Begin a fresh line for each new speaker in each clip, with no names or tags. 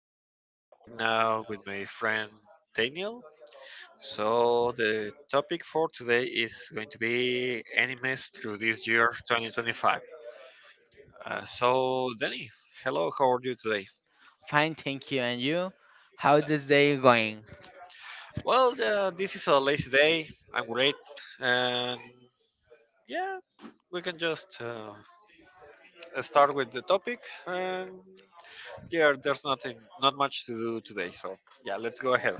I'm talking right now with my friend Daniel. So, the topic for today is going to be animes through this year 2025. So, Danny, hello, how are you today?
Fine, thank you. And you? How this day going?
Well, this is a lazy day. I'm great. And yeah, we can just start with the topic. And yeah, there's nothing, not much to do today. So, yeah, let's go ahead.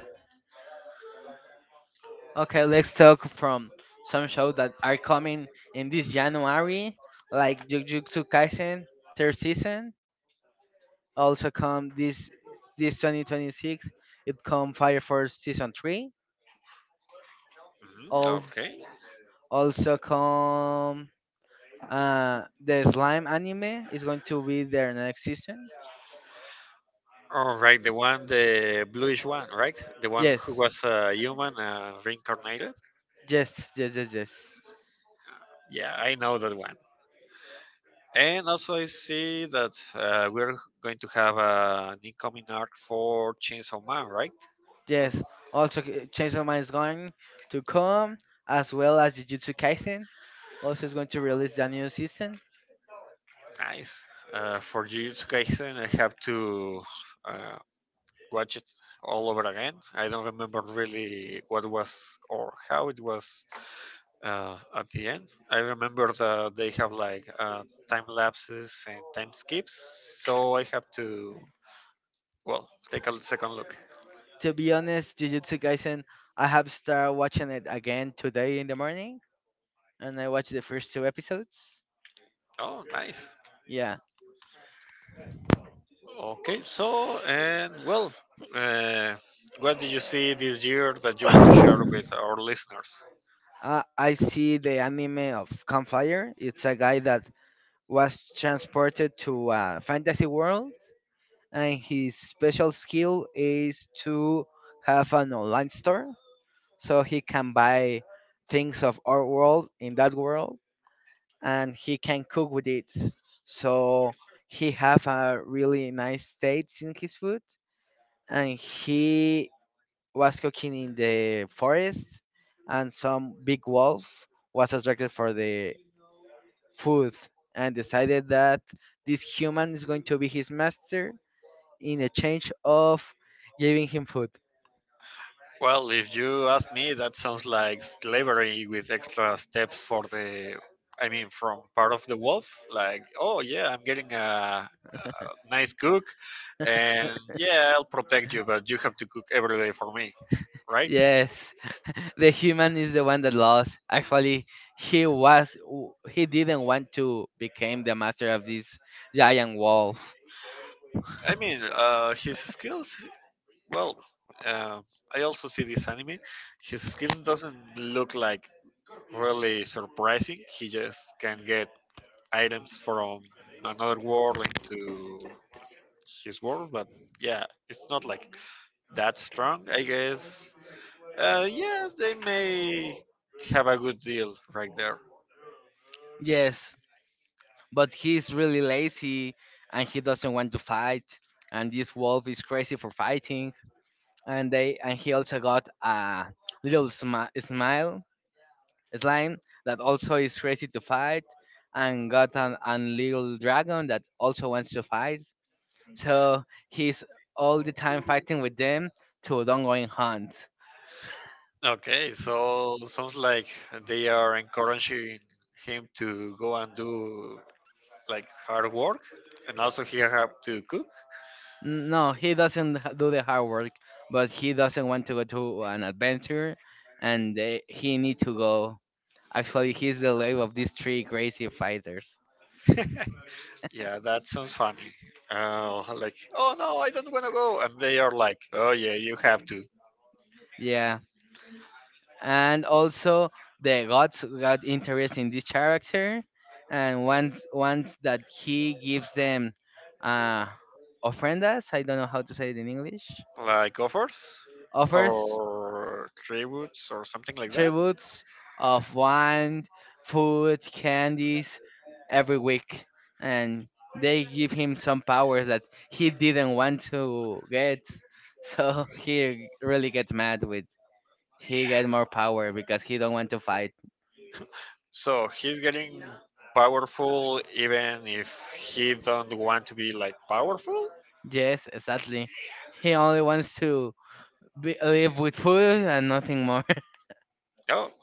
Okay, let's talk from some shows that are coming in this January, like Jujutsu Kaisen third season. Also come this 2026. It come Fire Force season three.
Mhm.
Also
Okay.
also come the Slime anime is going to be their next season.
All right, the one, the bluish one, right? The one who
Yes,
was a human reincarnated.
yes, yes, yes, yes.
Yeah, I know that one. And also, I see that we're going to have an incoming arc for Chainsaw Man, right?
Yes, also Chainsaw Man is going to come as well as Jujutsu Kaisen. Also is going to release the new season.
Nice. For Jujutsu Kaisen, I have to uh, watch it all over again. I don't remember really what was or how it was at the end. I remember that they have like time lapses and time skips, so I have to well take a second look.
To be honest, Jujutsu Kaisen, I have started watching it again today in the morning, and I watched the first two episodes.
Oh, nice.
Yeah,
Okay, so and well, uh, what did you see this year that you want to share
I,
with our listeners?
I see the anime of Campfire. It's a guy that was transported to a fantasy world, and his special skill is to have an online store so he can buy things of our world in that world and he can cook with it, so he have a really nice taste in his food, and he was cooking in the forest, and some big wolf was attracted for the food and decided that this human is going to be his master in exchange of giving him food.
Well, if you ask me, that sounds like slavery with extra steps for I mean, from part of the wolf. Like, oh yeah, I'm getting a nice cook, and yeah, I'll protect you, but you have to cook every day for me, right?
Yes, the human is the one that lost. Actually, he didn't want to become the master of this giant wolf.
I mean, his skills. Well, uh, I also see this anime. His skills doesn't look like really surprising. He just can get items from another world into his world, but yeah, it's not like that strong, I guess. Yeah, they may have a good deal right there.
Yes, but he's really lazy and he doesn't want to fight. And this wolf is crazy for fighting. And he also got a little smi- smile slime that also is crazy to fight, and got a little dragon that also wants to fight. So he's all the time fighting with them to don't go in hunt.
Okay, so sounds like they are encouraging him to go and do like hard work, and also he have to cook.
No, he doesn't h- do the hard work, but he doesn't want to go to an adventure, and he need to go. Actually, he's the lave of these three crazy fighters.
Yeah, that sounds funny. Like, oh no, I don't want to go, and they are like, oh yeah, you have to.
Yeah, and also the gods got interest in this character, and once that he gives them uh ofrendas, I don't know how to say it in English,
Like offers
offers,
or tributes or something like that.
tributes of wine, food, candies every week, and they give him some powers that he didn't want to get. So he really gets mad with he get more power because he don't want to fight.
So he's getting powerful even if he don't want to be like powerful?
Yes, exactly. He only wants to live with food and nothing more.
Oh,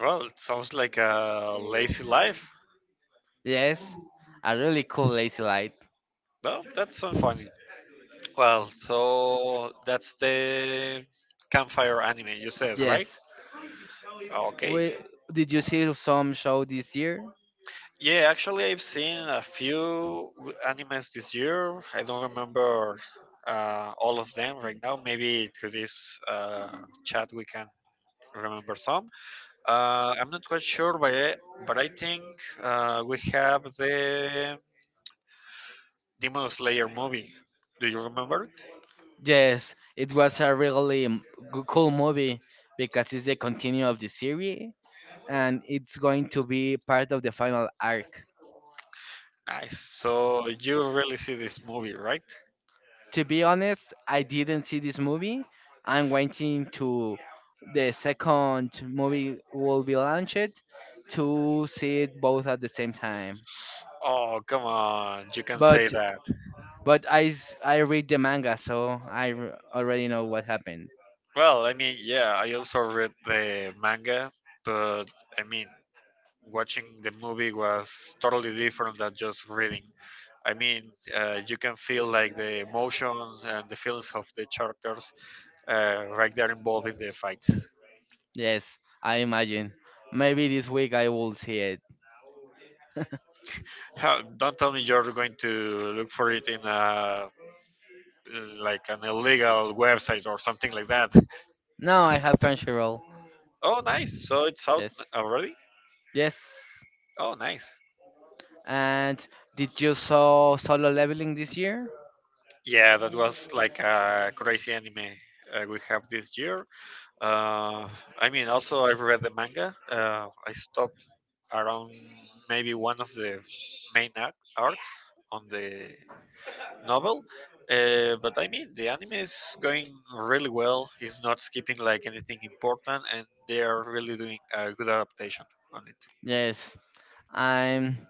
well, it sounds like a lazy life.
Yes, a really cool lazy light.
Well, that's unfunny. Well, so that's the campfire anime you said, right?
Yes.
Okay.
We, did you see some show this year?
Yeah, actually, I've seen a few animes this year. I don't remember all of them right now. Maybe through this chat we can remember some. I'm not quite sure, but I think we have the Demon Slayer movie. Do you remember it?
Yes, it was a really cool movie because it's the continue of the series and it's going to be part of the final arc.
Nice. So you really see this movie, right?
To be honest, I didn't see this movie. I'm waiting to the second movie will be launched to see it both at the same time.
Oh, come on. You can say
But
that.
but I read the manga, so already know what happened.
Well, I mean, yeah, I also read the manga, but I mean, watching the movie was totally different than just reading. I mean, you can feel like the emotions and the feelings of the characters right there involved in the fights.
Yes, I imagine. Maybe this week I will see it.
How, don't tell me you're going to look for it in a like an illegal website or something like that.
No, I have Crunchyroll.
Oh, nice! So it's out
Yes.
already.
Yes.
Oh, nice.
And did you saw solo leveling this year?
Yeah, that was like a crazy anime we have this year. Uh, I mean, also I read the manga. I stopped around maybe one of the main arcs on the novel. But I mean, the anime is going really well. It's not skipping like anything important, and they are really doing a good adaptation on it.
Yes. I'm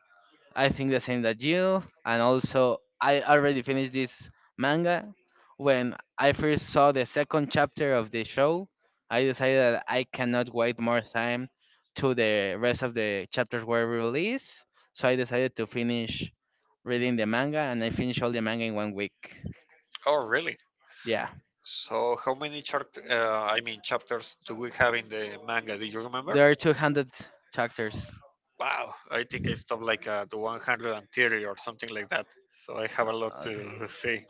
I think the same that you, and also I already finished this manga. When I first saw the second chapter of the show, I decided that I cannot wait more time to the rest of the chapters were released. So I decided to finish reading the manga, and I finished all the manga in 1 week.
Oh, really?
Yeah.
So, how many I mean chapters do we have in the manga? Do you remember?
There are 200 chapters.
Wow, I think I stopped like at the 130 or something like that. So I have a lot
Okay.
to see.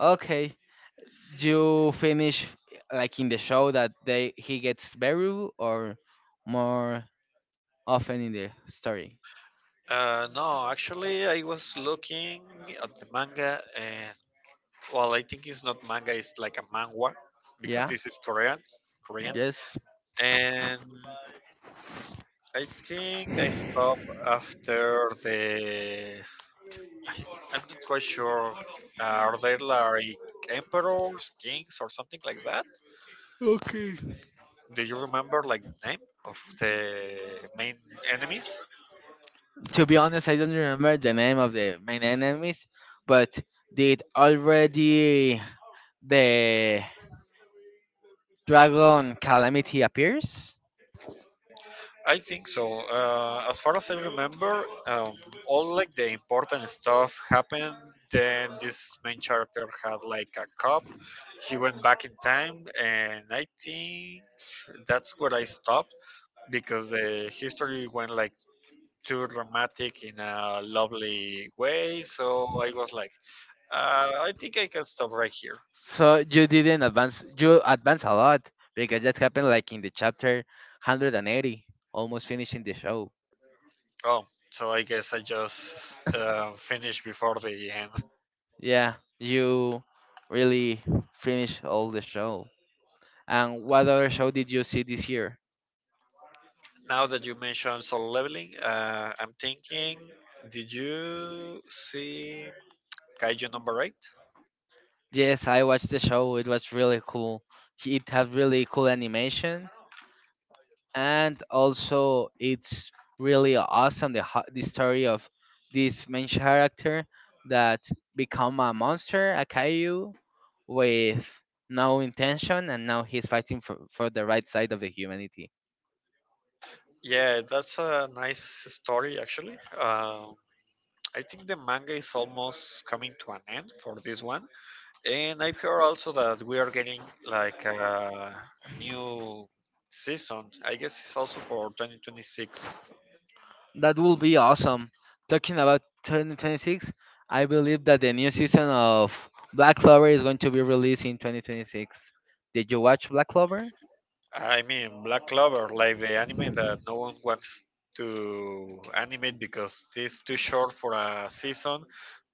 Okay. Do you finish like in the show that they he gets buried or more often in the story?
No, actually, I was looking at the manga, and well, I think it's not manga, it's like a manhwa because
Yeah.
this is Korean.
Yes.
And I think I stopped after the. I- I'm not quite sure. Are they like emperors, kings, or something like that? Do you remember like the name of the main enemies?
To be honest, I don't remember the name of the main enemies, but did already the dragon calamity appears?
I think so. As far as I remember, all like the important stuff happened. Then this main character had like a cup. He went back in time, and I think that's where I stopped because the history went like too dramatic in a lovely way. So I was like, I think I can stop right here.
So you didn't advance. You advance a lot because that happened like in the chapter 180, almost finishing the show.
Oh, so I guess I just finished before the end.
Yeah, you really finished all the show. And what other show did you see this year?
Now that you mentioned solo leveling, I'm thinking, did you see Kaiju number eight?
Yes, I watched the show. It was really cool. It has really cool animation, and also it's really awesome the story of this main character that become a monster, a kaiju, with no intention, and now he's fighting for the right side of the humanity.
Yeah, that's a nice story actually. I think the manga is almost coming to an end for this one, and I've heard also that we are getting like a new season. I guess it's also for 2026.
That will be awesome. Talking about 2026, I believe that the new season of Black Clover is going to be released in 2026. Did you watch Black Clover?
I mean, Black Clover, like the anime that no one wants to animate because it's too short for a season,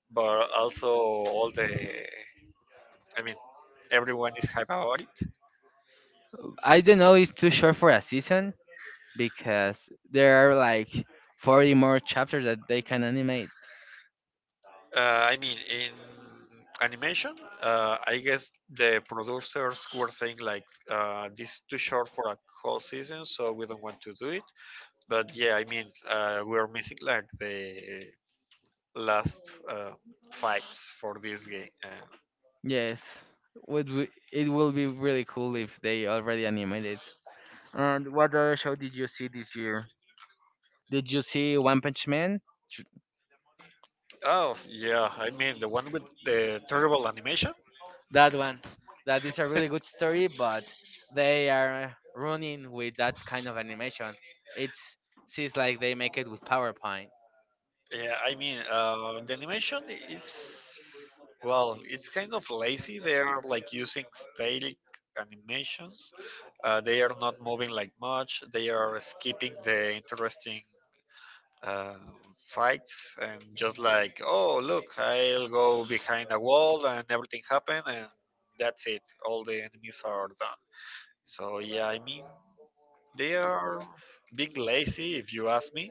but also all the I mean everyone is hype about it.
I don't know it's too short for a season because there are like 40 more chapters that they can animate.
I mean in animation, I guess the producers were saying like this is too short for a whole season, so we don't want to do it. But yeah, I mean we're missing like the last fights for this game. And,
Yes, it will be really cool if they already animated. And what other show did you see this year? Did you see One Punch Man?
oh yeah, I mean the one with the terrible animation.
That one. That is a really good story, but they are running with that kind of animation. It's seems like they make it with PowerPoint.
Yeah, I mean, the animation is well, it's kind of lazy. They are like using static animations. They are not moving like much. They are skipping the interesting uh, fights and just like, oh look, I'll go behind a wall and everything happen and that's it. All the enemies are done. So yeah, I mean, they are being lazy if you ask me.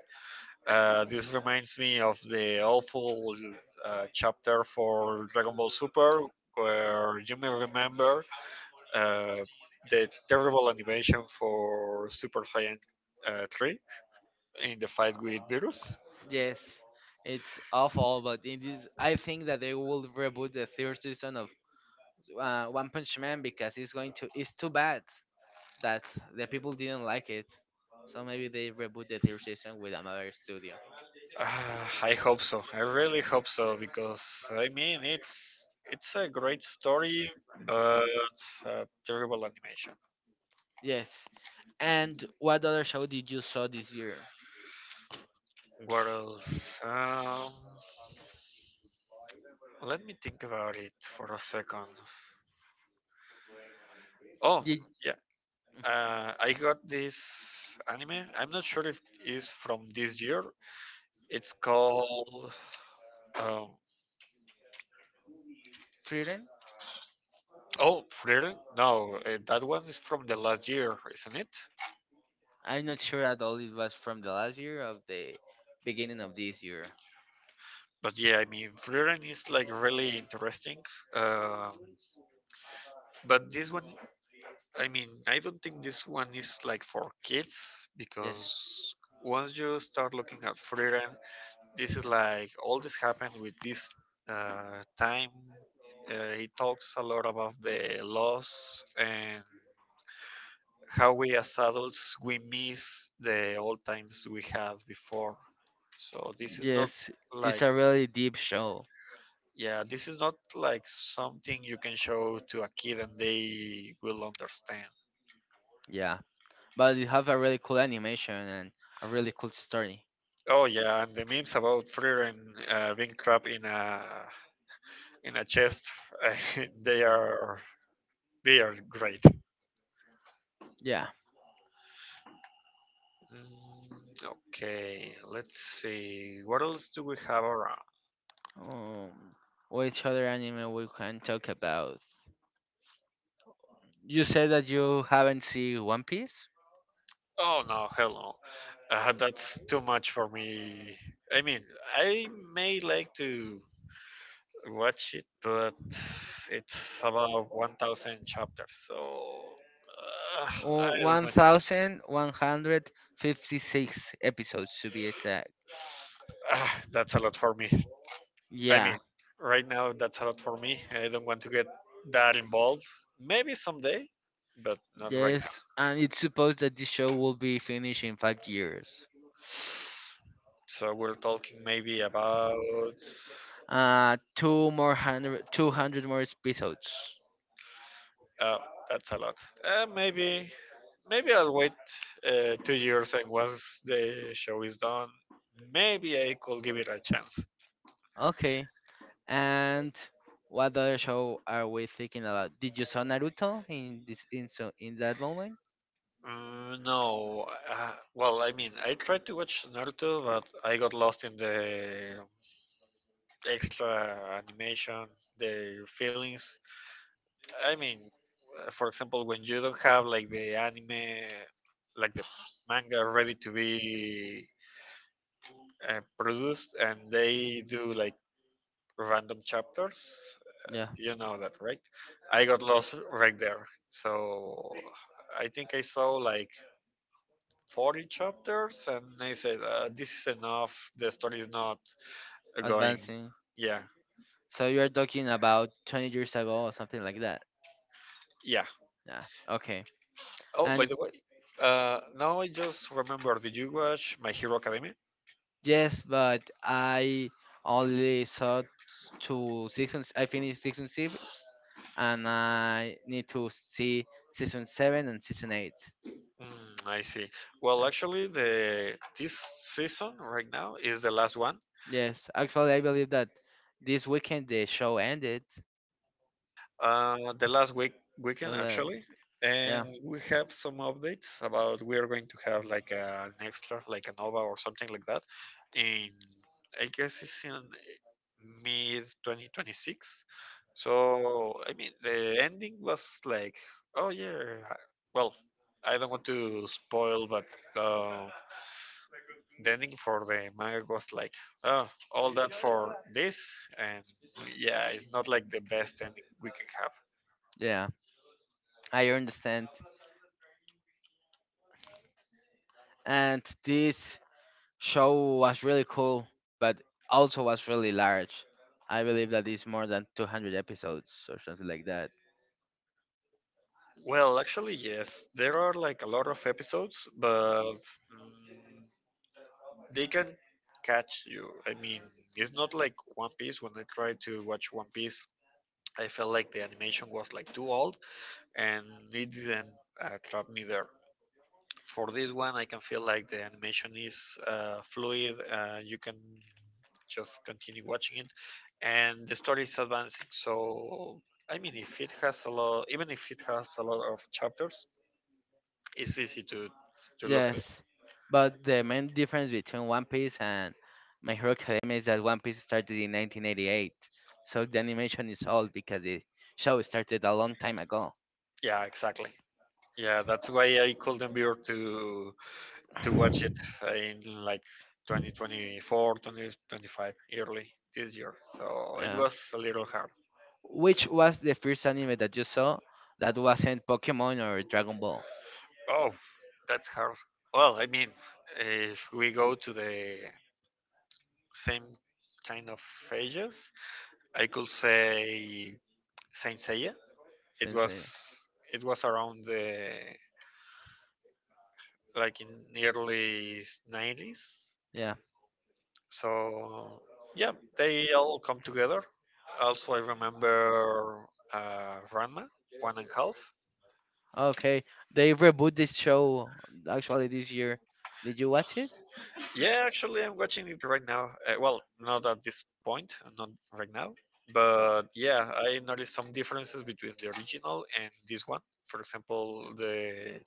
This reminds me of the awful chapter for Dragon Ball Super, where you may remember uh, the terrible animation for Super Saiyan 3 in the fight with Virus.
Yes, it's awful, but it is. I think that they will reboot the third season of One Punch Man because it's going to. It's too bad that the people didn't like it. So maybe they reboot the third season with another studio.
Uh, I hope so. I really hope so because I mean it's a great story, but terrible animation.
Yes. And what other show did you saw this year?
What else? Let me think about it for a second. Oh,
Did
yeah. I got this anime. I'm not sure if it's from this year. It's called um,
Freedom?
Oh Frieren. No, that one is from the last year, isn't it?
I'm not sure at all it was from the last year of the beginning of this year.
But yeah, I mean Frieren is like really interesting. Um but this one, I mean, I don't think this one is like for kids
Yes.
because once you start looking at Frieren, this is like all this happened with this time. He talks a lot about the loss and how we as adults we miss the old times we had before. So this is not
Yes, it's
like
a really deep show.
yeah, this is not like something you can show to a kid and they will understand.
Yeah, but it have a really cool animation and a really cool story.
Oh yeah, and the memes about Frieren being trapped in a chest, they are they are great.
Yeah.
Mm. Okay, let's see. What else do we have around?
Um, which other anime we can talk about? You said that you haven't seen One Piece.
Oh no, hello. That's too much for me. I mean, I may like to watch it, but it's about 1,000 chapters, so uh, I don't want.
1156 episodes to be exact.
Ah, that's a lot for me. I
Yeah.
mean, right now that's a lot for me. I don't want to get that involved. Maybe someday, but not right now.
Yes, and it's supposed that this show will be finished in 5 years.
So we're talking maybe about
Uh, two more hundred, 200 more episodes.
uh, that's a lot. Maybe maybe I'll wait 2 years and once the show is done, maybe I could give it a chance.
Okay. And what other show are we thinking about? Did you saw Naruto in that moment?
No, well, I mean, I tried to watch Naruto, but I got lost in the extra animation, the feelings I mean, for example, when you don't have like the anime, like the manga ready to be produced, and they do like random chapters,
Yeah,
you know that, right? I got lost right there. So I think I saw like 40 chapters, and I said, "This is enough. The story is not going."
advancing.
Yeah,
So you are talking about 20 years ago or something like that.
yeah.
Yeah. Okay.
Oh, by
And
the way, now I just remember. Did you watch My Hero Academia?
yes, but I only saw two seasons. I finished season six, and I need to see season seven and season eight.
Mm, I see. Well, actually,
Yeah.
the this season right now is the last one.
Yes, actually, I believe that this weekend the show ended.
The last
The
weekend
last-
actually, and
Yeah,
we have some updates about we are going to have like an extra, like a Nova or something like that. In I guess it's in mid 2026. So I mean, the ending was like, oh yeah. I- Well, I don't want to spoil, but. Uh, Denning for the manga was like, oh, all that for this, and yeah, it's not like the best ending we can have.
yeah, I understand. And this show was really cool, but also was really large. I believe that it's more than 200 episodes or something like that.
Well, actually, yes, there are like a lot of episodes, but they can catch you. I mean, it's not like One Piece. When I tried to watch One Piece, I felt like the animation was like too old, and it didn't trap me there. For this one, I can feel like the animation is fluid. You can just continue watching it, and the story is advancing. So I mean if it has a lot Even if it has a lot of chapters, it's easy to look at it.
Yes, but the main difference between One Piece and My Hero Academia is that One Piece started in 1988, so the animation is old because the show started a long time ago.
Yeah, exactly. Yeah, that's why I couldn't bear to watch it in like 2024, 2025, early this year, so it
Yeah.
was a little hard.
Which was the first anime that you saw that wasn't Pokemon or Dragon Ball?
Oh, that's hard. Well, if we go to the same kind of ages, I could say Saint Seiya. It
Since then.
was it was around the, like, in the early 90s.
Yeah.
So yeah, they all come together. Also, I remember Ranma one and a half.
Okay. They reboot this show actually this year. Did you watch it?
Yeah, actually, I'm watching it right now. Well, not at this point, not right now. But yeah, I noticed some differences between the original and this one. For example,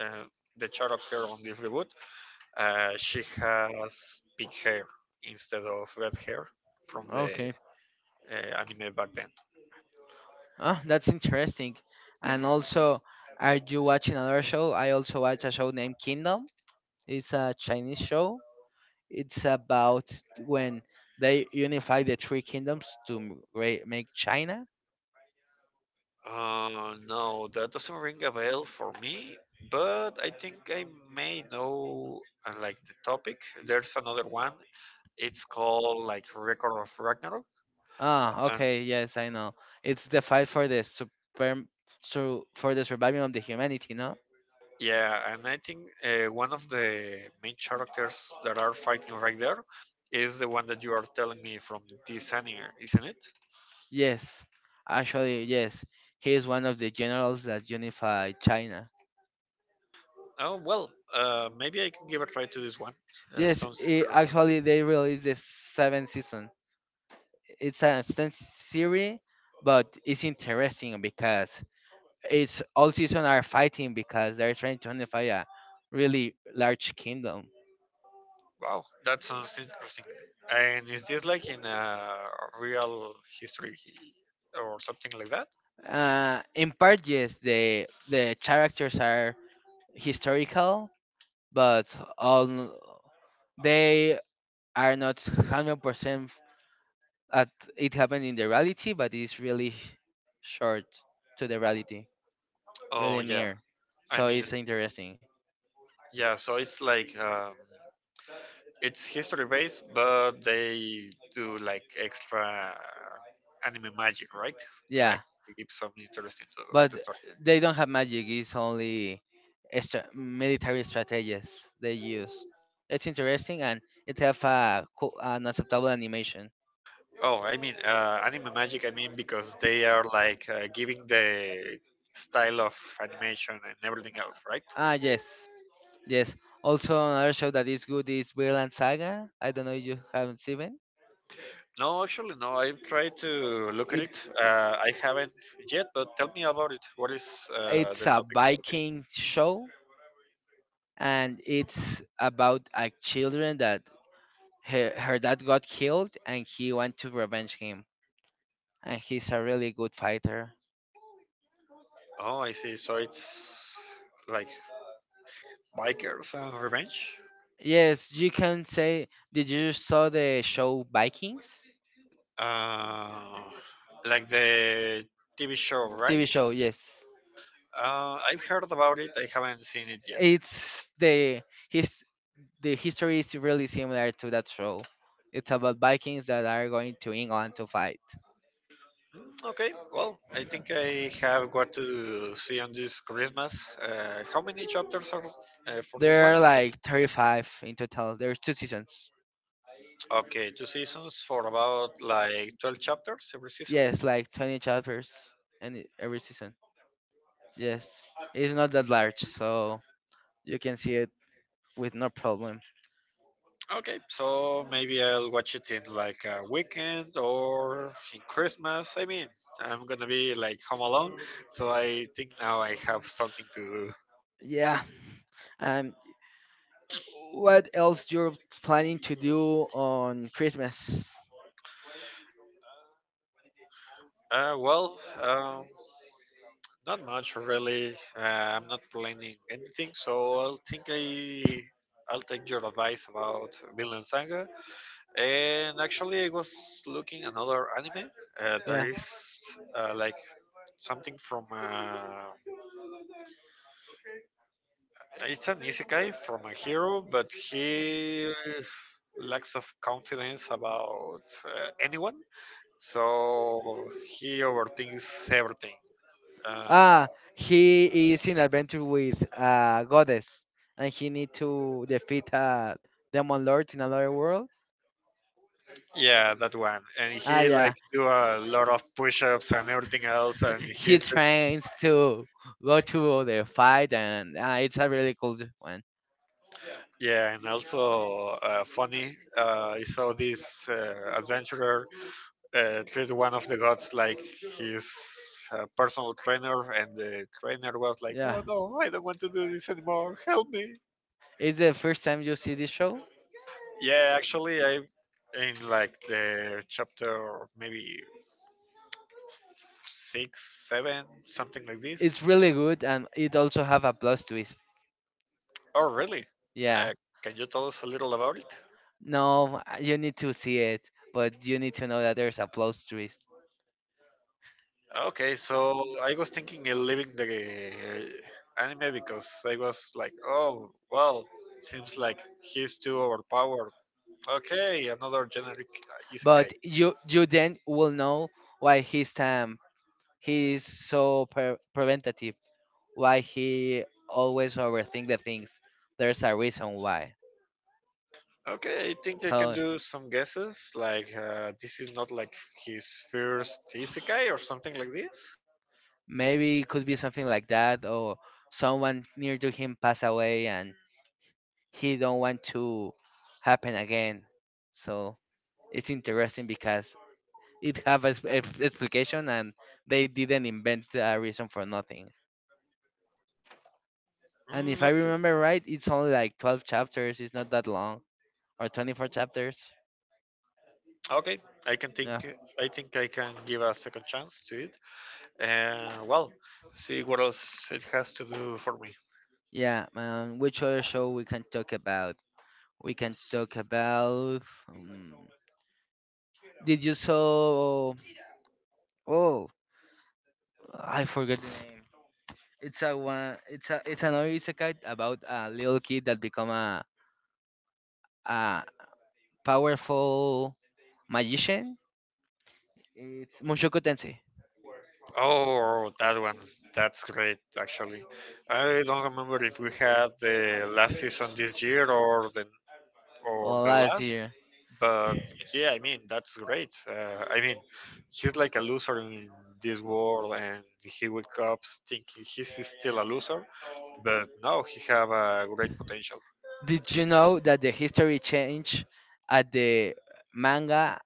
uh, the character on this reboot, uh, she has pink hair instead of red hair from the
Okay.
uh, anime back then.
Ah, that's interesting. And also, are you watching another show? I also watch a show named Kingdom. It's a Chinese show. It's about when they unify the three kingdoms to make China.
No, that doesn't ring a bell for me, but I think I may know, like, the topic. There's another one. It's called, like, Record of Ragnarok,
Ah,
and
okay. Yes, I know. It's the fight for the super, so for the survival of the humanity, no?
yeah, and I think one of the main characters that are fighting right there is the one that you are telling me from this anime, isn't it?
Yes, actually, yes. He is one of the generals that unified China.
Oh well, maybe I can give a try to this one.
Yes,
Sounds
I
interesting.
actually, they released the seventh season. It's an extended series, but it's interesting because it's all season are fighting because they're trying to unify a really large kingdom.
Wow, that sounds interesting. And is this like in a real history or something like that?
In part, yes, the characters are historical, but all they are not 100% at it happened in the reality, but it's really short to the reality,
Oh
really
yeah,
near.
I
So
mean
it's interesting.
yeah. So it's like, it's history based, but they do like extra anime magic, right?
Yeah,
Like, to give some interesting to
but
the story.
they don't have magic. It's only extra, military strategies they use. It's interesting, and it have an acceptable animation.
Oh, I mean, anime magic. I mean, because they are like, giving the style of animation and everything else, right?
Ah, yes, yes. Also, another show that is good is Vinland Saga. I don't know if you haven't seen it.
No, actually, no. I've tried to look at
It
it. I haven't yet, but tell me about it. What is
it's
the
a
topic for this?
Viking show, and it's about a children that her dad got killed, and he went to revenge him, and he's a really good fighter.
Oh, I see. So it's like bikers and revenge,
Yes, you can say. Did you saw the show Vikings?
uh, like the TV show,
TV
right?
show, yes.
I've heard about it. I haven't seen it yet.
It's his the history is really similar to that show. It's about Vikings that are going to England to fight.
Okay, well, I think I have what to see on this Christmas. How many chapters are for this
There
one?
are like 35 in total. There's two seasons.
Okay, two seasons for about like 12 chapters every season.
Yes, like 20 chapters and every season. Yes, it's not that large, so you can see it with no problem.
Okay, so maybe I'll watch it in like a weekend or in Christmas. I mean, I'm gonna be like home alone, so I think now I have something to do.
Yeah. Um, what else you're planning to do on Christmas?
Uh, well, um, Not much really. I'm not planning anything, so I'll think I'll take your advice about Villain Saga. And actually, I was looking another anime that
Yeah.
is, like, something from, it's an isekai from a hero, but he lacks of confidence about, anyone, so he overthinks everything. Uh,
Ah, he is in adventure with a goddess, and he need to defeat a demon lord in another world.
Yeah, that one. And
Ah,
he
yeah.
like do a lot of push-ups and everything else, and
He
he,
tries to go to the fight, and ah, it's a really cool one.
yeah, and also, funny. I saw this, adventurer treat one of the gods like his personal trainer, and the trainer was like,
Yeah.
"Oh no, I don't want to do this anymore. Help me!"
It's the first time you see this show.
Yeah, actually, I, in like the chapter maybe six, seven, something like
It's
this.
really good, and it also have a plus twist.
Oh, really?
Yeah.
Uh, can you tell us a little about it?
No, you need to see it, but you need to know that there's a plot twist.
Okay, so I was thinking of leaving the anime because I was like, oh, well, seems like he's too overpowered. Okay, another generic, isekai.
But you then will know why he's time he is so preventative, why he always overthink the things. There's a reason why.
Okay, I think I can
So
do some guesses, like, this is not like his first isekai or something like this.
maybe it could be something like that, or someone near to him pass away and he don't want to happen again. So. It's interesting because it have a, s- a f- explication, and they didn't invent a reason for nothing. And
Mm,
if I
okay,
remember right, it's only like 12 chapters. It's not that long, or 24 chapters.
okay, I can think.
Yeah.
I think I can give a second chance to it. Well, see what else it has to do for me.
Yeah. Which other show we can talk about? We can talk about. Um, did you saw? Oh, I forgot the name. It's a one. It's a. It's another isekai about a little kid that become a powerful magician. It's Mushoku Tensei.
Oh, that one. That's great, actually. I don't remember if we had the last season this year or
Oh,
the
last
last,
year.
but yeah, I mean that's great. I mean, he's like a loser in this world, and he wakes up thinking he's still a loser, but no, he have a great potential.
Did you know that the history changed at the manga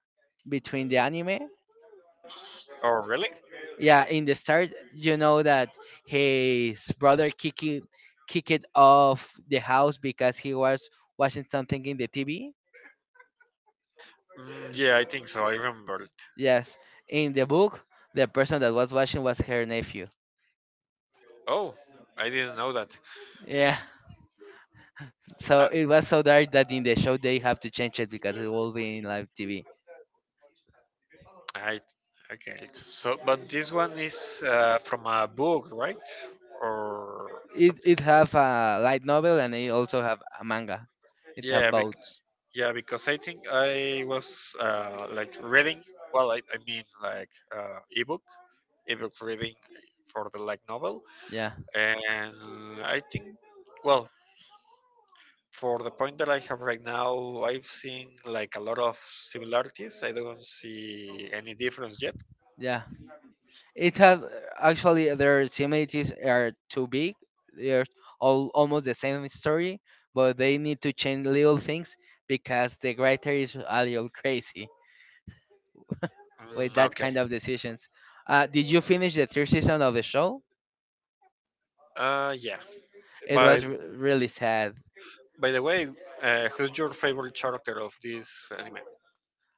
between the anime?
Oh, really?
Yeah, in the start, you know that his brother Kiki kicked off the house because he was watching something in the TV.
Mm, yeah, I think so. I remember it.
Yes, in the book, the person that was watching was her nephew.
Oh, I didn't know that.
Yeah, so it
Uh,
was so dark that in the show they have to change it because it will be in live TV.
I I get it. So, but this one is, from a book, right? Or
It
something?
it have a light novel, and it also have a manga. It have
Yeah,
both.
bec- yeah. Because I think I was, like reading. Well, I mean like, uh, ebook reading for the like novel,
Yeah,
and I think, well, for the point that I have right now, I've seen like a lot of similarities. I don't see any difference yet.
yeah. It have actually their similarities are too big. They're all almost the same story, but they need to change little things because the writer is a little crazy with
Mm,
that
okay.
kind of decisions. Did you finish the third season of the show?
Yeah.
It
By
was really sad.
By the way, who's your favorite character of this anime?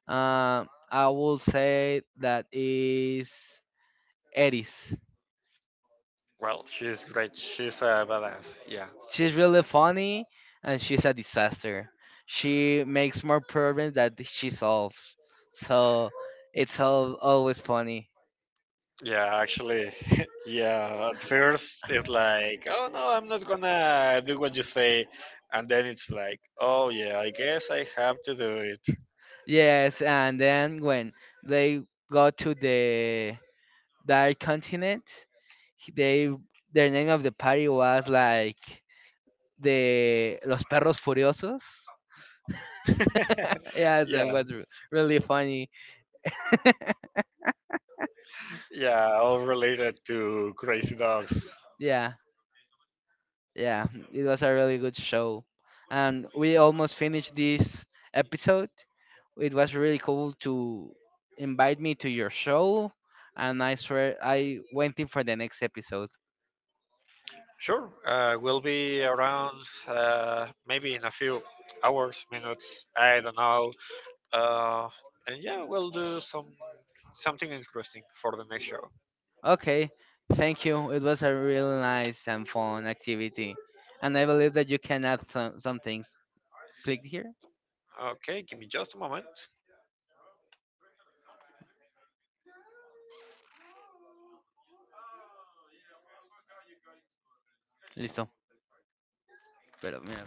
I will say that is Eris.
Well, she's great. She's a badass. Yeah.
She's really funny, and she's a disaster. She makes more problems that she solves. So it's always funny.
Yeah, actually, yeah. At first, it's like, oh no, I'm not gonna do what you say, and then it's like, oh yeah, I guess I have to do
Yes, and then when they go to the Dark Continent, they their name of the party was like the Los Perros Furiosos.
it.
Yes, and
Yeah,
was really funny.
yeah, all related to crazy dogs.
Yeah. Yeah, it was a really good show. And we almost finished this episode. It was really cool to invite me to your show. And I swear I went in for the next episode.
Sure, we'll be around maybe in a few hours, minutes. I don't know. Uh, and yeah, we'll do some something interesting for the next show.
Okay, thank you. It was a really nice and fun activity. And I believe that you can add some things. Click here.
Okay, give me just a moment.
Listo. Pero mira.